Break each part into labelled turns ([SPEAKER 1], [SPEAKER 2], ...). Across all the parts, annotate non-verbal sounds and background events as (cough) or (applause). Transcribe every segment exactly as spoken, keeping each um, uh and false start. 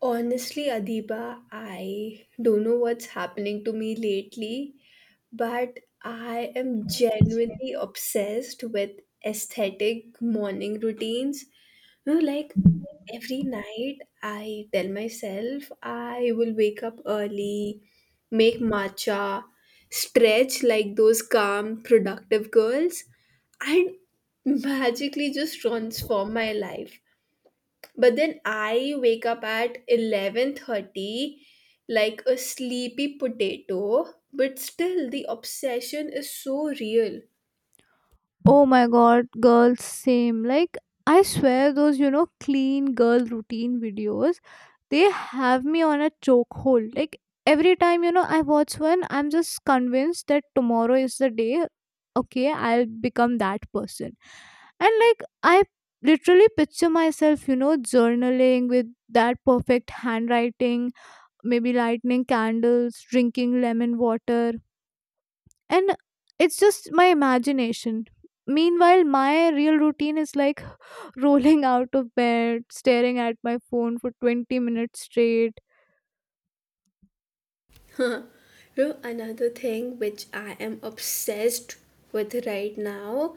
[SPEAKER 1] Honestly, Adiba, I don't know what's happening to me lately, but I am genuinely obsessed with aesthetic morning routines. You know, like every night, I tell myself I will wake up early, make matcha, stretch like those calm, productive girls, and magically just transform my life, but then I wake up at eleven thirty like a sleepy potato. But still, the obsession is so real.
[SPEAKER 2] Oh my god, girls, same. Like, I swear, those, you know, clean girl routine videos, they have me on a chokehold. Like, every time, you know, I watch one, I'm just convinced that tomorrow is the day, okay, I'll become that person. And, like, I literally picture myself, you know, journaling with that perfect handwriting, maybe lighting candles, drinking lemon water, and it's just my imagination. Meanwhile, my real routine is like (laughs) rolling out of bed, staring at my phone for twenty minutes straight.
[SPEAKER 1] (laughs) You know, another thing which I am obsessed with right now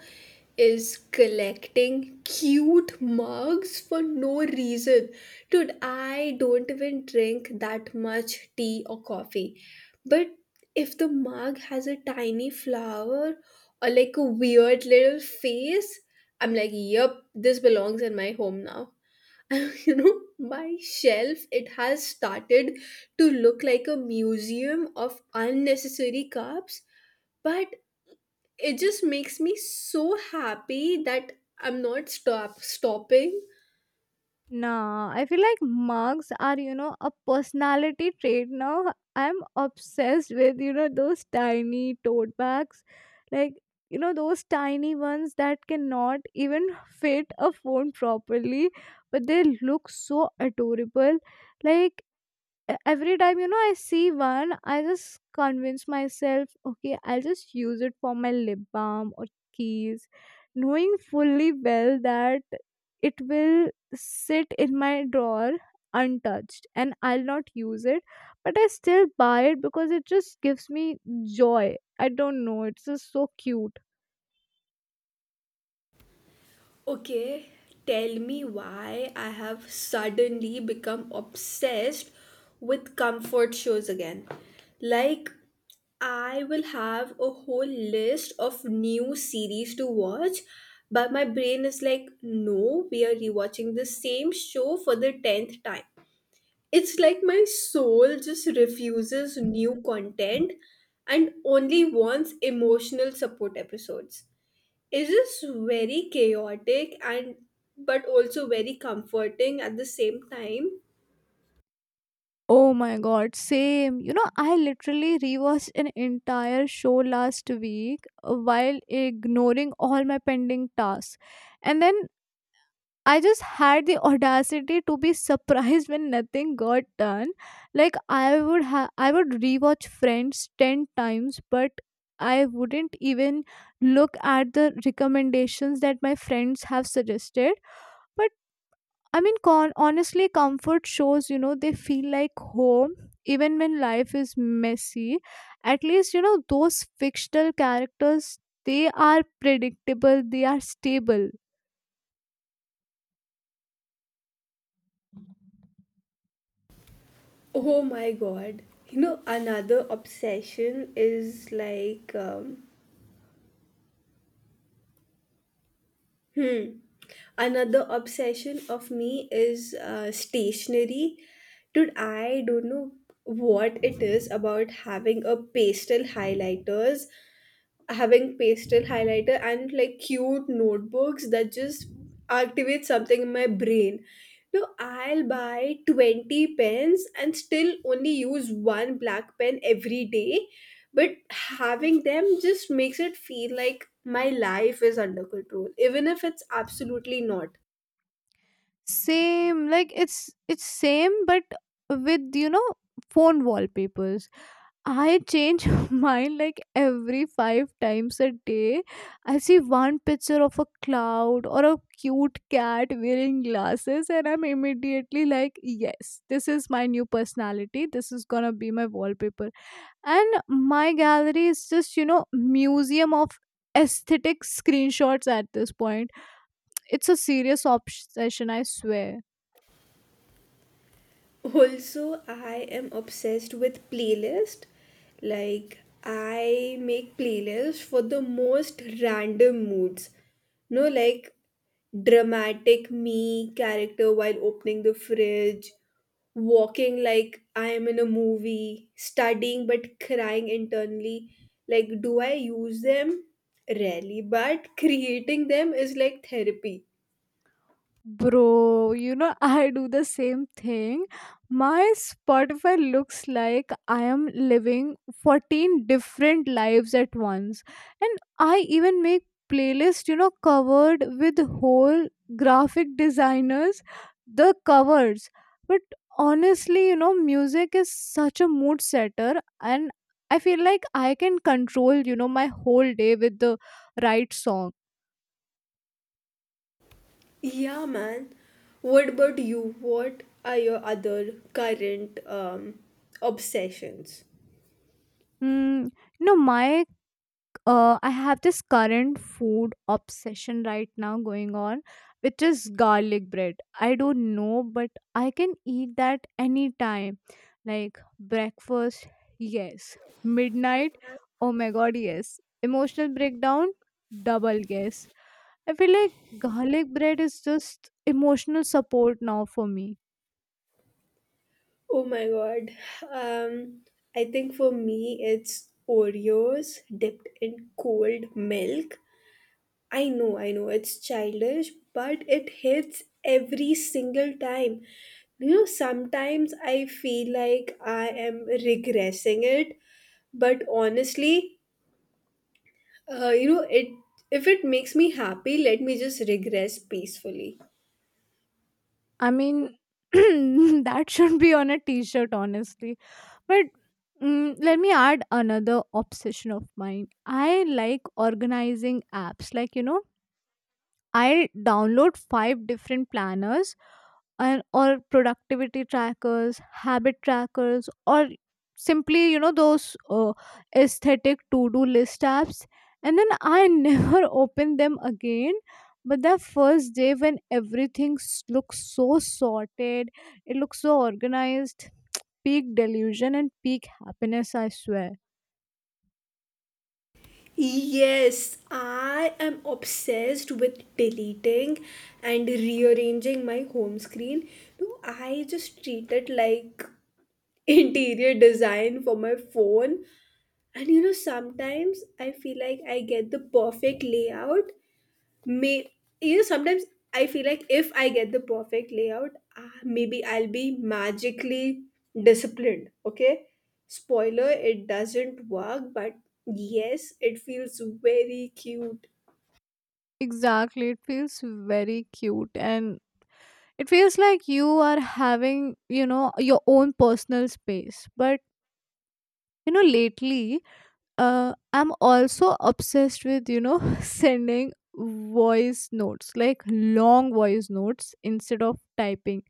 [SPEAKER 1] is collecting cute mugs for no reason. Dude, I don't even drink that much tea or coffee. But if the mug has a tiny flower or like a weird little face, I'm like, yep, this belongs in my home now. (laughs) You know, my shelf, it has started to look like a museum of unnecessary carbs, but it just makes me so happy that I'm not stop stopping
[SPEAKER 2] Nah, I feel like mugs are you know a personality trait now. I'm obsessed with you know those tiny tote bags. Like, you know those tiny ones that cannot even fit a phone properly, but they look so adorable. Like, e- every time you know I see one, I just convince myself, okay, I'll just use it for my lip balm or keys, knowing fully well that it will sit in my drawer untouched and I'll not use it, but I still buy it because it just gives me joy. I don't know, it's just so cute.
[SPEAKER 1] Okay, tell me why I have suddenly become obsessed with comfort shows again. Like, I will have a whole list of new series to watch, but my brain is like, no, we are rewatching the same show for the tenth time. It's like my soul just refuses new content and only wants emotional support episodes. It is just very chaotic and but also very comforting at the same time.
[SPEAKER 2] Oh my god, same. You know, I literally rewatched an entire show last week while ignoring all my pending tasks. And then I just had the audacity to be surprised when nothing got done. Like, I would ha- I would rewatch Friends ten times, but I wouldn't even look at the recommendations that my friends have suggested. But I mean, con- honestly, comfort shows, you know, they feel like home even when life is messy. At least, you know, those fictional characters, they are predictable, they are stable.
[SPEAKER 1] Oh my god. You know, another obsession is like, um, hmm, another obsession of me is uh, stationery. Dude, I don't know what it is about having a pastel highlighters having pastel highlighter and like cute notebooks that just activate something in my brain. No, I'll buy twenty pens and still only use one black pen every day. But having them just makes it feel like my life is under control, even if it's absolutely not.
[SPEAKER 2] Same, like it's it's same, but with you know phone wallpapers. I change (laughs) mine like every five times a day. I see one picture of a cloud or a cute cat wearing glasses, and I'm immediately like, yes, this is my new personality. This is gonna be my wallpaper. And my gallery is just, you know, museum of aesthetic screenshots at this point. It's a serious obsession, I swear.
[SPEAKER 1] Also, I am obsessed with playlist. Like, I make playlists for the most random moods. No, like dramatic me character while opening the fridge, walking like I am in a movie, studying but crying internally. Like, do I use them? Rarely, but creating them is like therapy.
[SPEAKER 2] Bro, you know, (laughs) I do the same thing. My Spotify looks like I am living fourteen different lives at once. And I even make playlists, you know, covered with whole graphic designers, the covers. But honestly, you know, music is such a mood setter, and I feel like I can control, you know, my whole day with the right song.
[SPEAKER 1] Yeah, man. What about you? What are your other current um, obsessions?
[SPEAKER 2] Mm, you know my uh, I have this current food obsession right now going on, which is garlic bread. I don't know, but I can eat that anytime. Like, breakfast, yes. Midnight, oh my god, yes. Emotional breakdown, double yes. I feel like garlic bread is just emotional support now for me.
[SPEAKER 1] Oh my God. Um, I think for me, it's Oreos dipped in cold milk. I know, I know, it's childish, but it hits every single time. You know, sometimes I feel like I am regressing it, but honestly, Uh, you know, it if it makes me happy, let me just regress peacefully.
[SPEAKER 2] I mean, (clears throat) that should be on a t shirt, honestly. But mm, let me add another obsession of mine. I like organizing apps, like, you know, I'll download five different planners and or productivity trackers, habit trackers, or simply you know those uh, aesthetic to-do list apps, and then I (laughs) never open them again. But the first day when everything s- looks so sorted, it looks so organized, peak delusion and peak happiness. I swear.
[SPEAKER 1] Yes, I am obsessed with deleting and rearranging my home screen. No, I just treat it like (laughs) interior design for my phone. And you know, sometimes I feel like I get the perfect layout may you know sometimes I feel like if I get the perfect layout, uh, maybe I'll be magically disciplined. Okay, spoiler, it doesn't work, but yes, it feels very cute.
[SPEAKER 2] Exactly, it feels very cute and it feels like you are having you know your own personal space, but you know lately uh, I'm also obsessed with you know (laughs) sending voice notes, like long voice notes instead of typing.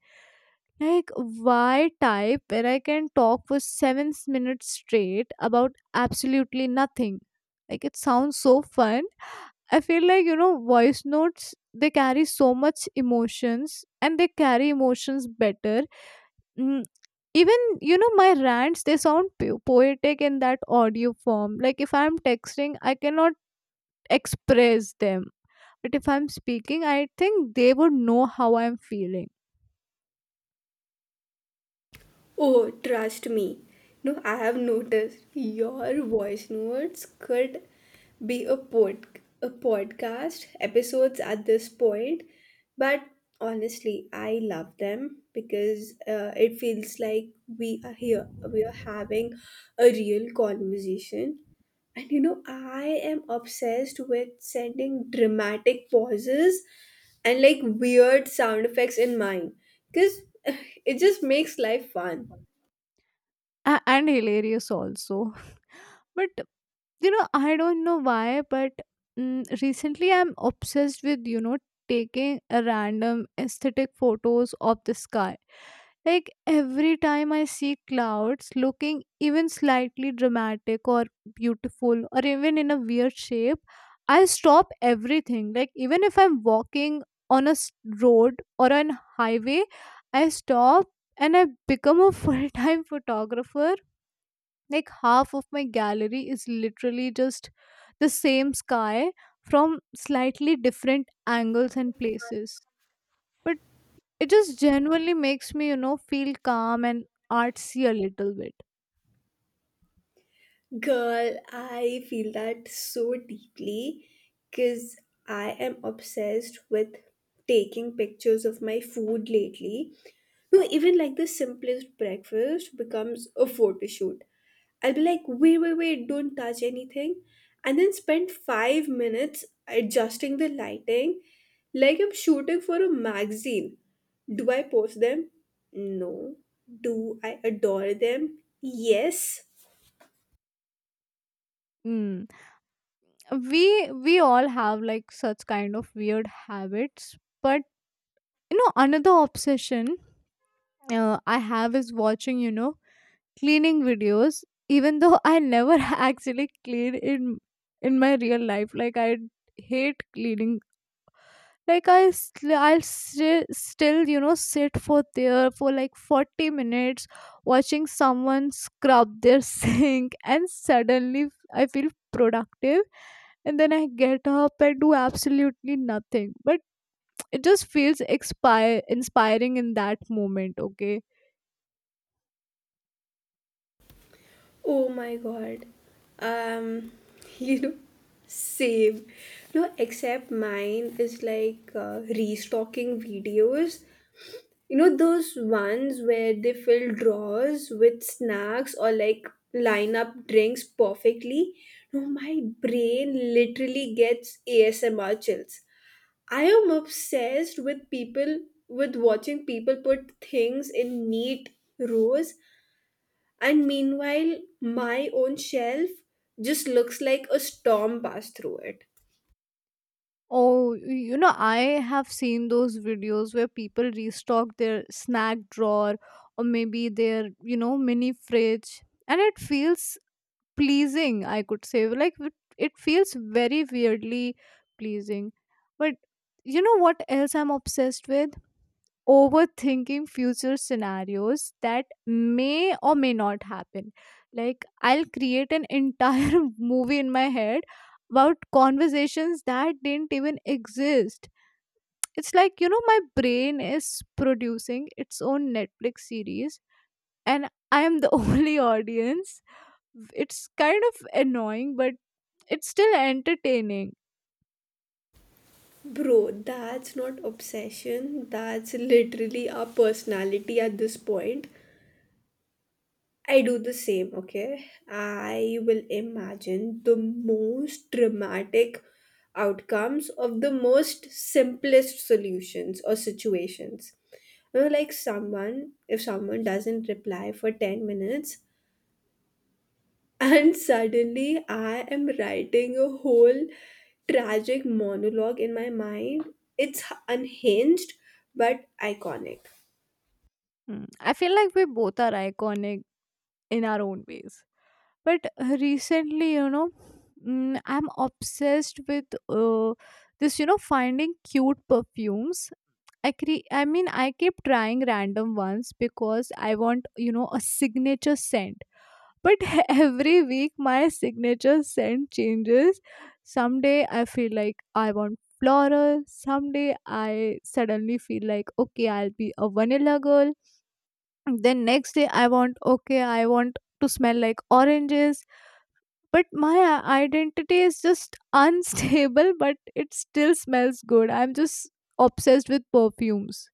[SPEAKER 2] Like, why type when I can talk for seven s- minutes straight about absolutely nothing? Like, it sounds so fun. I feel like you know voice notes, they carry so much emotions, and they carry emotions better. Mm, even you know my rants, they sound po- poetic in that audio form. Like, if I'm texting, I cannot express them, but if I'm speaking, I think they would know how I'm feeling.
[SPEAKER 1] Oh, trust me. No, I have noticed your voice notes could be a pod a podcast episodes at this point, but honestly, I love them because uh, it feels like we are here. We are having a real conversation. And you know, I am obsessed with sending dramatic pauses and like weird sound effects in mine because (laughs) it just makes life fun.
[SPEAKER 2] A- and hilarious also. (laughs) But you know I don't know why, but mm, recently I'm obsessed with you know taking a random aesthetic photos of the sky. Like, every time I see clouds looking even slightly dramatic or beautiful or even in a weird shape, I stop everything. Like, even if I'm walking on a s- road or on highway, I stop and I become a (laughs) full time photographer. Like, half of my gallery is literally just the same sky from slightly different angles and places. But it just genuinely makes me, you know, feel calm and artsy a little bit.
[SPEAKER 1] Girl, I feel that so deeply because I am obsessed with taking pictures of my food lately. No, even like the simplest breakfast becomes a photo shoot. I'll be like, wait, wait, wait, don't touch anything. And then spend five minutes adjusting the lighting like I'm shooting for a magazine. Do I post them? No. Do I adore them? Yes.
[SPEAKER 2] Mm. We we all have like such kind of weird habits, but you know another obsession uh, I have is watching, you know, cleaning videos. Even though I never (laughs) actually clean in in my real life, like I hate cleaning. Like, i sl- I'll still still you know sit for there for like forty minutes watching someone scrub their (laughs) sink, and suddenly I feel productive, and then I get up and do absolutely nothing, but it just feels expire inspiring in that moment, okay.
[SPEAKER 1] Oh my god. Um, (laughs) you know, same. No, except mine is like uh, restocking videos. You know, those ones where they fill drawers with snacks or like line up drinks perfectly. No, my brain literally gets A S M R chills. I am obsessed with people, with watching people put things in neat rows. And meanwhile, my own shelf just looks like a storm passed through it.
[SPEAKER 2] Oh, you know, I have seen those videos where people restock their snack drawer or maybe their, you know, mini fridge. And it feels pleasing, I could say. Like, it it feels very weirdly pleasing. But you know what else I'm obsessed with? Overthinking future scenarios that may or may not happen. Like, I'll create an entire (laughs) movie in my head about conversations that didn't even exist. It's like, you know my brain is producing its own Netflix series, and I am the (laughs) only audience. It's kind of annoying, but it's still entertaining.
[SPEAKER 1] Bro, that's not obsession. That's literally our personality at this point. I do the same, okay? I will imagine the most dramatic outcomes of the most simplest solutions or situations. You know, like someone, if someone doesn't reply for ten minutes, and suddenly, I am writing a whole tragic monologue in my mind. It's unhinged but iconic.
[SPEAKER 2] Mm, I feel like we both are iconic in our own ways. But uh, recently, you know, mm, I'm obsessed with uh, this, you know, finding cute perfumes. I cre- I mean, I keep trying random ones because I want, you know, a signature scent. But (laughs) every week, my signature scent changes. Someday, I feel like I want floral. Someday, I suddenly feel like, okay, I'll be a vanilla girl. Then, next day, I want, okay, I want to smell like oranges. But my i- identity is just (laughs) unstable, but it still smells good. I'm just obsessed with perfumes.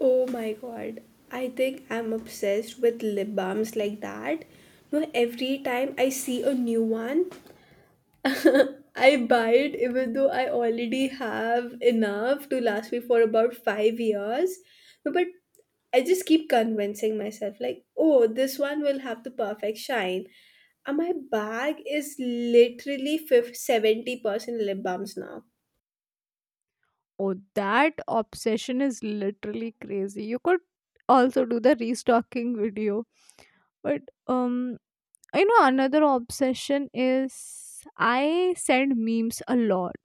[SPEAKER 1] Oh my god, I think I'm obsessed with lip balms like that. No, every time I see a new one, (laughs) I buy it even though I already have enough to last me for about five years. But I just keep convincing myself, like, oh, this one will have the perfect shine. And my bag is literally fifty, seventy percent lip balms now.
[SPEAKER 2] Oh, that obsession is literally crazy. You could also do the restocking video. But um I know another obsession is I send memes a lot.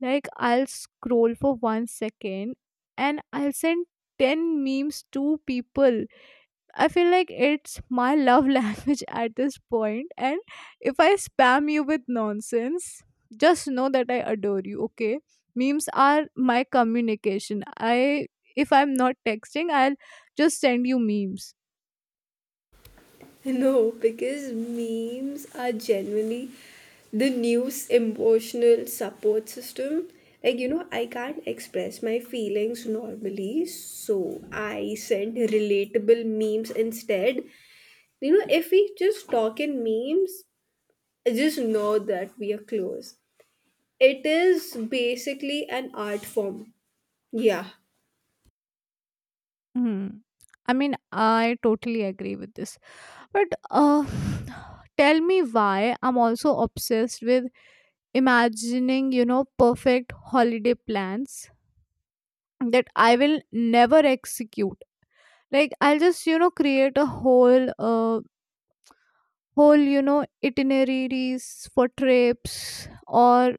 [SPEAKER 2] Like, I'll scroll for one second and I'll send ten memes to people. I feel like it's my love (laughs) language at this point, and if I spam you with nonsense, just know that I adore you. Okay, memes are my communication. I If I'm not texting, I'll just send you memes.
[SPEAKER 1] (laughs) No, because memes are genuinely the news emotional support system. Like, you know, I can't express my feelings normally, so I send relatable memes instead. You know, if we just talk in memes, just know that we are close. It is basically an art form. Yeah.
[SPEAKER 2] Hmm. I mean, I totally agree with this. But uh, (sighs) tell me why I'm also obsessed with imagining, you know, perfect holiday plans that I will never execute. Like, I'll just you know create a whole uh, whole you know itineraries for trips or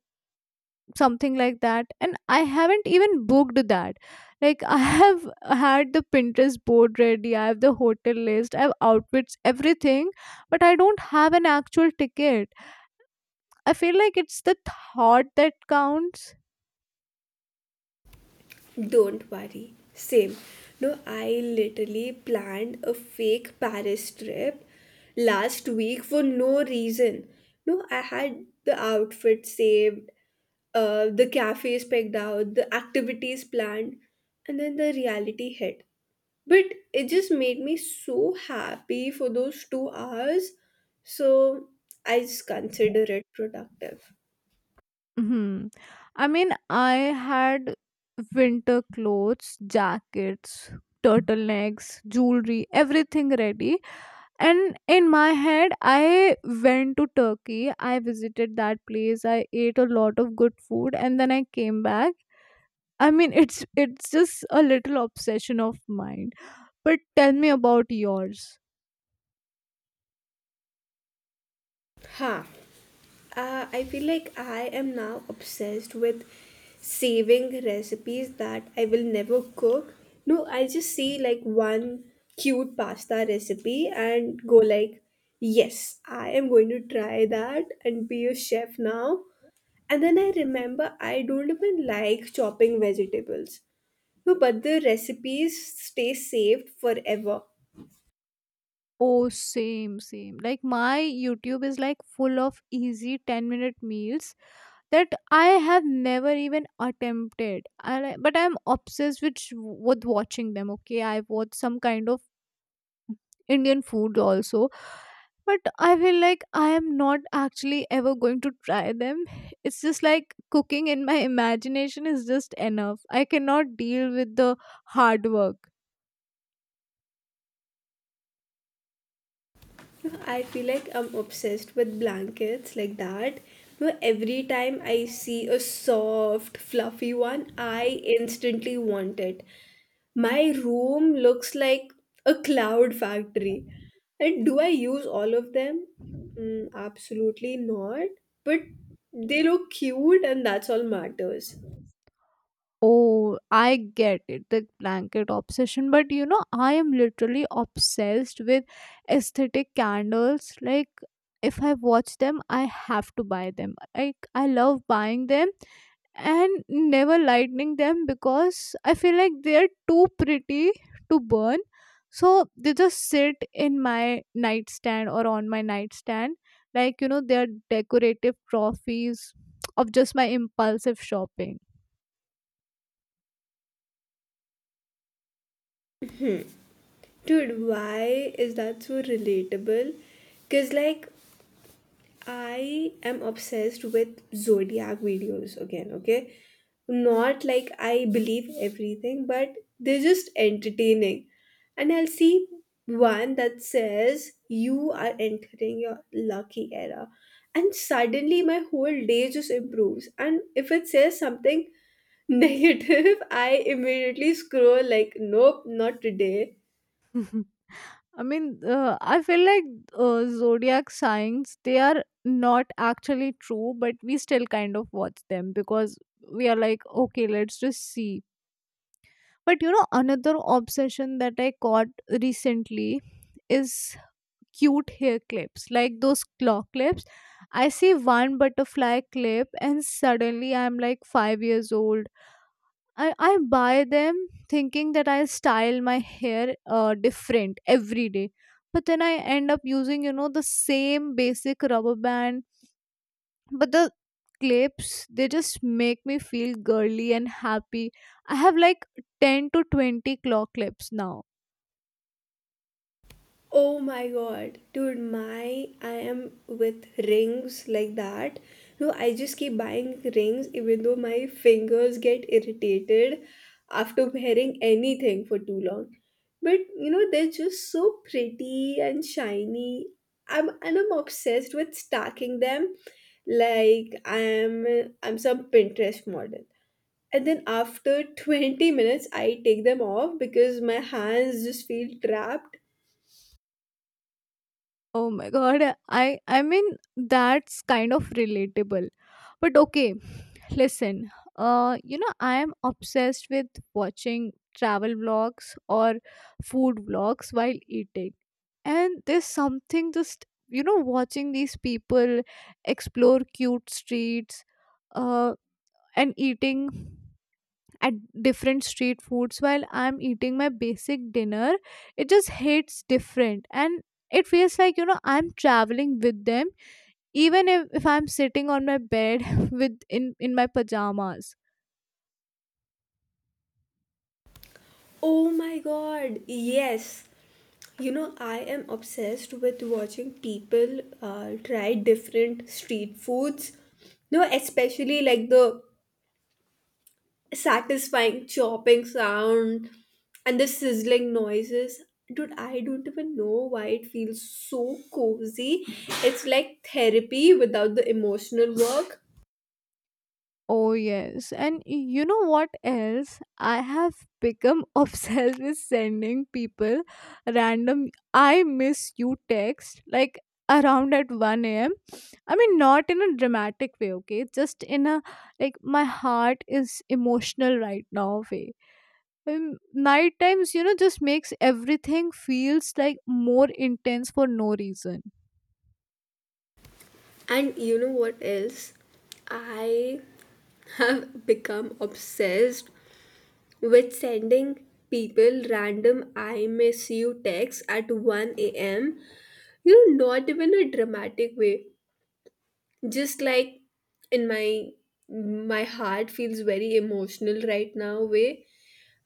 [SPEAKER 2] something like that, and I haven't even booked that. Like, (laughs) I have had the Pinterest board ready, I have the hotel list, I have outfits everything, but I don't have an actual ticket. I feel like it's the thought that counts.
[SPEAKER 1] Don't worry. Same. No, I literally planned a fake Paris trip last week for no reason. No, I had the outfit saved, uh, the cafes picked out, the activities planned, and then the reality hit. But it just made me so happy for those two hours. So I just consider it productive.
[SPEAKER 2] Hmm. I mean, I had winter clothes, jackets, turtlenecks, jewelry, everything ready. And in my head, I went to Turkey. I visited that place. I ate a lot of good food, and then I came back. I mean, (laughs) it's it's just a little obsession of mine. But tell me about yours.
[SPEAKER 1] Ha. Uh, I feel like I am now obsessed with saving recipes that I will never cook. No, I just see like one cute pasta recipe and go like, yes, I am going to try that and be a chef now. And then I remember I don't even like chopping vegetables. No, but the recipes stay saved forever.
[SPEAKER 2] Oh, same, same. Like, my YouTube is like full of easy ten minute meals that I have never even attempted. And I, but I'm obsessed with sh- with watching them. Okay, I watch some kind of Indian food also, but I feel like I am not actually ever going to try them. It's just like cooking in my imagination is just enough. I cannot deal with the hard work.
[SPEAKER 1] I feel like I'm obsessed with blankets like that. Where every time I see a soft, fluffy one, I instantly want it. My room looks like a cloud factory. And do I use all of them? Mm, absolutely not. But they look cute, and that's all matters.
[SPEAKER 2] Oh, I get it, the blanket obsession. But you know, I am literally obsessed with aesthetic candles. Like, if I watch them, I have to buy them. Like, I love buying them and never lighting them because I feel like they're too pretty to burn. So they just sit in my nightstand or on my nightstand. Like, you know, they're decorative trophies of just my impulsive shopping.
[SPEAKER 1] Dude, why is that so relatable? Because, like, I am obsessed with zodiac videos again, okay? Not like I believe everything, but they're just entertaining. And I'll see one that says you are entering your lucky era. And suddenly my whole day just improves. And if it says something (laughs) negative, I immediately scroll like, nope, not today.
[SPEAKER 2] (laughs) I mean, uh, I feel like uh, zodiac signs, they are not actually true, but we still kind of watch them because we are like, okay, let's just see. But you know, another obsession that I caught recently is cute hair clips, like those claw clips. I see one butterfly clip, and suddenly I'm like five years old. I, I buy them thinking that I'll style my hair uh, different every day. But then I end up using, you know, the same basic rubber band. But the clips, they just make me feel girly and happy. I have like ten to twenty claw clips now.
[SPEAKER 1] Oh my god, dude, my I am with rings like that. No, I just keep buying rings even though my fingers get irritated after wearing anything for too long. But you know, they're just so pretty and shiny. I'm and I'm obsessed with stacking them like I'm I'm some Pinterest model. And then after twenty minutes I take them off because my hands just feel trapped.
[SPEAKER 2] Oh my god. I I mean that's kind of relatable. But okay, listen. Uh you know I am obsessed with watching travel vlogs or food vlogs while eating. And there's something, just you know, watching these people explore cute streets uh and eating at different street foods while I'm eating my basic dinner. It just hits different, and it feels like, you know, I'm traveling with them even if, if I'm sitting on my bed (laughs) with in, in my pajamas.
[SPEAKER 1] Oh my god, yes. You know, I am obsessed with watching people uh, try different street foods. No, especially like the satisfying chopping sound and the sizzling noises. Dude, I don't even know why it feels so cozy. It's like therapy without the emotional work.
[SPEAKER 2] Oh yes. And you know what else? I have become (laughs) obsessed with sending people random I miss you text, like around at one a m a.m. I mean, not in a dramatic way, okay? Just in a, like, my heart is emotional right now way. Um, night times, you know, just makes everything feels like more intense for no reason.
[SPEAKER 1] And you know what else? I have become obsessed with sending people random I miss you texts at one a m. You know, not even a dramatic way. Just like in my my heart feels very emotional right now way.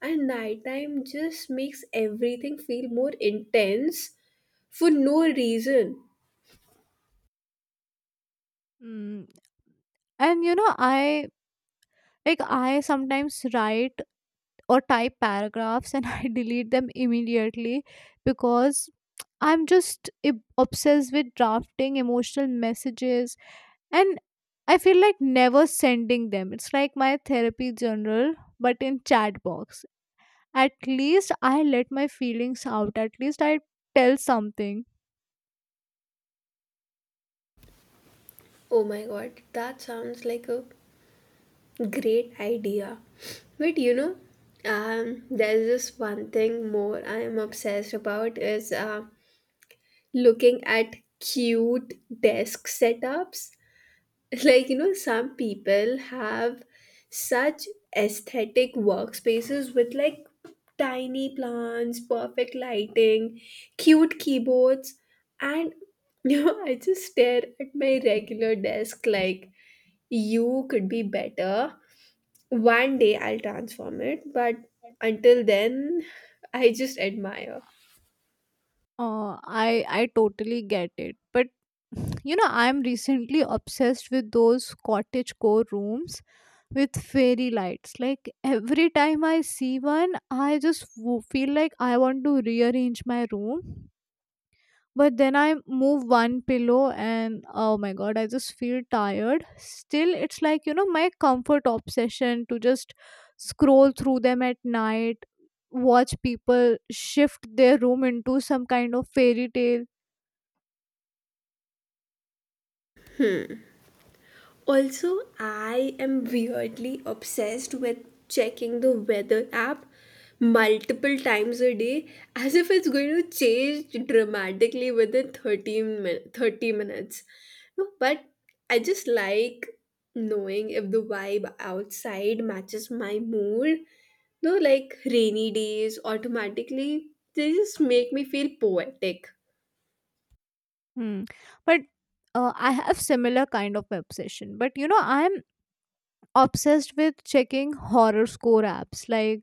[SPEAKER 1] And nighttime just makes everything feel more intense for no reason.
[SPEAKER 2] Mm. And, you know, I, like, I sometimes write or type paragraphs, and (laughs) I delete them immediately because I'm just ob- obsessed with drafting emotional messages, and I feel like never sending them. It's like my therapy journal, but in chat box. At least I let my feelings out, at least I tell something.
[SPEAKER 1] Oh my god, that sounds like a great idea. But you know, um, there's just one thing more I am obsessed about is uh, looking at cute desk setups. (laughs) Like, you know, some people have such aesthetic workspaces with like tiny plants, perfect lighting, cute keyboards, and (laughs) you know, I just stare at my regular desk like you could be better. One day I'll transform it, but until then, (laughs) I just admire.
[SPEAKER 2] uh, i i totally get it, but (sighs) you know, I'm recently obsessed with those cottage core rooms with fairy lights. Like every time I see one, I just w- feel like I want to rearrange my room, but then I move one pillow and oh my god, I just feel tired. Still, it's like, you know, my comfort obsession to just scroll through them at night, watch people shift their room into some kind of fairy tale.
[SPEAKER 1] Also, I am weirdly obsessed with checking the weather app multiple times a day as if it's going to change dramatically within thirteen min- thirty minutes. No, but I just like knowing if the vibe outside matches my mood. No, like rainy days automatically, they just make me feel poetic.
[SPEAKER 2] Hmm. But uh, I have similar kind of obsession, but you know, I'm obsessed with checking horror score apps, like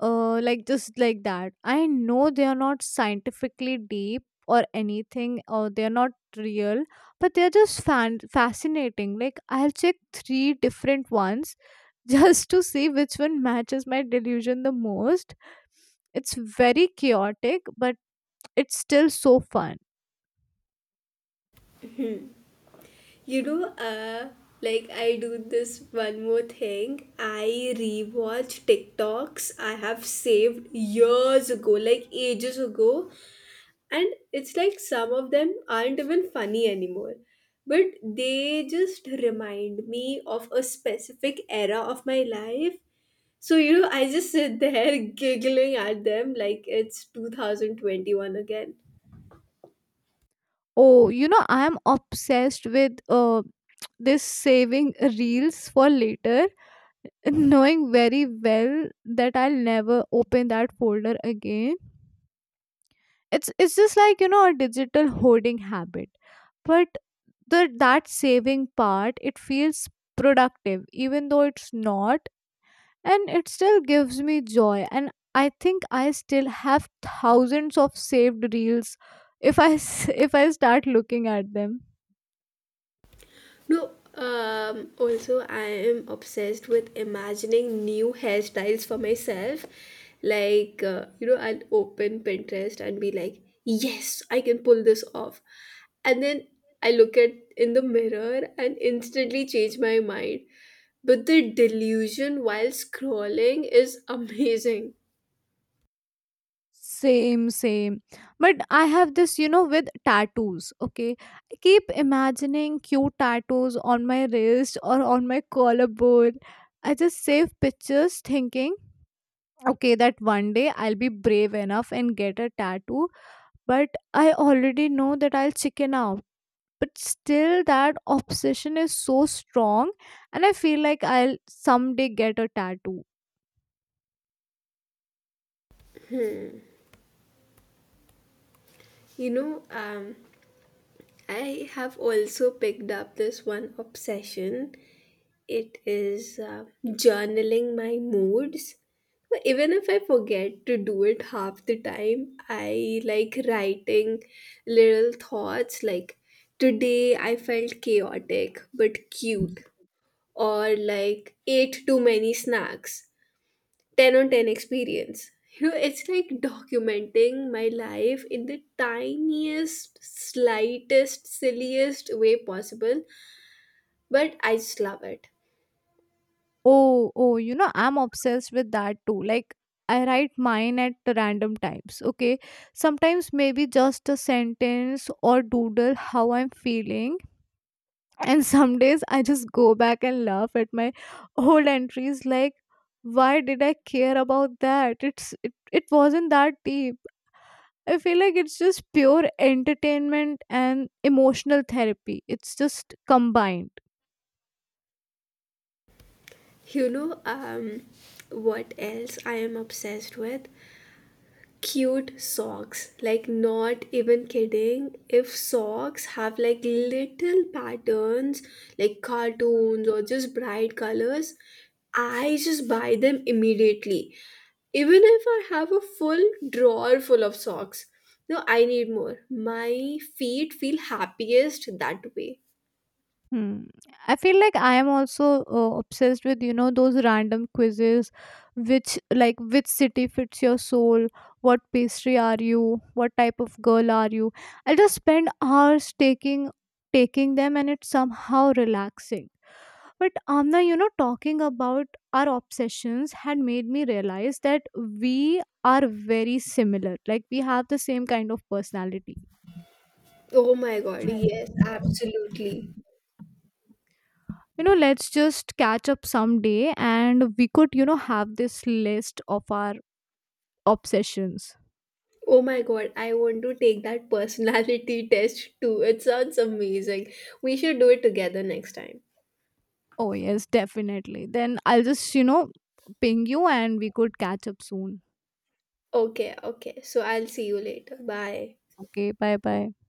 [SPEAKER 2] uh like just like that. I know they are not scientifically deep or anything, or they are not real, but they are just fan- fascinating. Like, I'll check three different ones (laughs) just to see which one matches my delusion the most. It's very chaotic, but it's still so fun.
[SPEAKER 1] You know, uh, like I do this one more thing. I rewatch TikToks I have saved years ago, like ages ago, and it's like some of them aren't even funny anymore. But they just remind me of a specific era of my life. So, you know, I just sit there (laughs) giggling at them like it's two thousand twenty-one again.
[SPEAKER 2] Oh, you know, I am obsessed with uh this saving reels for later, knowing very well that I'll never open that folder again. It's it's just like, you know, a digital hoarding habit, but the that saving part, it feels productive even though it's not, and it still gives me joy. And I think I still have thousands of saved reels if I s- (laughs) if I start looking at them.
[SPEAKER 1] No, um, also I am obsessed with imagining new hairstyles for myself. Like, uh, you know, I'll open Pinterest and be like, yes, I can pull this off. And then I look at in the mirror and instantly change my mind. But the delusion while scrolling is amazing.
[SPEAKER 2] Same, same. But I have this, you know, with tattoos. Okay. I keep imagining cute tattoos on my wrist or on my collarbone. I just save pictures thinking, okay, that one day I'll be brave enough and get a tattoo. But I already know that I'll chicken out. But still, that obsession is so strong, and I feel like I'll someday get a tattoo.
[SPEAKER 1] You know, um, I have also picked up this one obsession. It is uh, journaling my moods. So even if I forget to do it half the time, I like writing little thoughts like, today I felt chaotic but cute, or like, ate too many snacks, ten on ten experience. You know, it's like documenting my life in the tiniest, slightest, silliest way possible, but I just love it.
[SPEAKER 2] Oh, oh, you know, I'm obsessed with that too. Like, I write mine at random times, okay? Sometimes maybe just a sentence or doodle how I'm feeling. (laughs) And some days I just go back and laugh at my old entries, like, why did I care about that? It's it, it wasn't that deep. I feel like it's just pure entertainment and emotional therapy. It's just combined.
[SPEAKER 1] You know, um, what else I am obsessed with? Cute socks. Like, not even kidding. If socks have like little patterns, like cartoons or just bright colors, I just buy them immediately. Even if I have a full drawer full of socks. No, I need more. My feet feel happiest that way.
[SPEAKER 2] Hmm. I feel like I am also uh, obsessed with, you know, those random quizzes, which like, which city fits your soul, what pastry are you, what type of girl are you. I'll just spend hours taking taking them, and it's somehow relaxing. But Amna, you know, talking about our obsessions had made me realize that we are very similar. Like, we have the same kind of personality.
[SPEAKER 1] Oh my god, yes, absolutely.
[SPEAKER 2] You know, let's just catch up someday, and we could, you know, have this list of our obsessions.
[SPEAKER 1] Oh my god, I want to take that personality (laughs) test too. It sounds amazing. We should do it together next time.
[SPEAKER 2] Oh yes, definitely. Then I'll just, you know, ping you and we could catch up soon.
[SPEAKER 1] Okay, okay. So I'll see you later. Bye.
[SPEAKER 2] Okay, bye bye.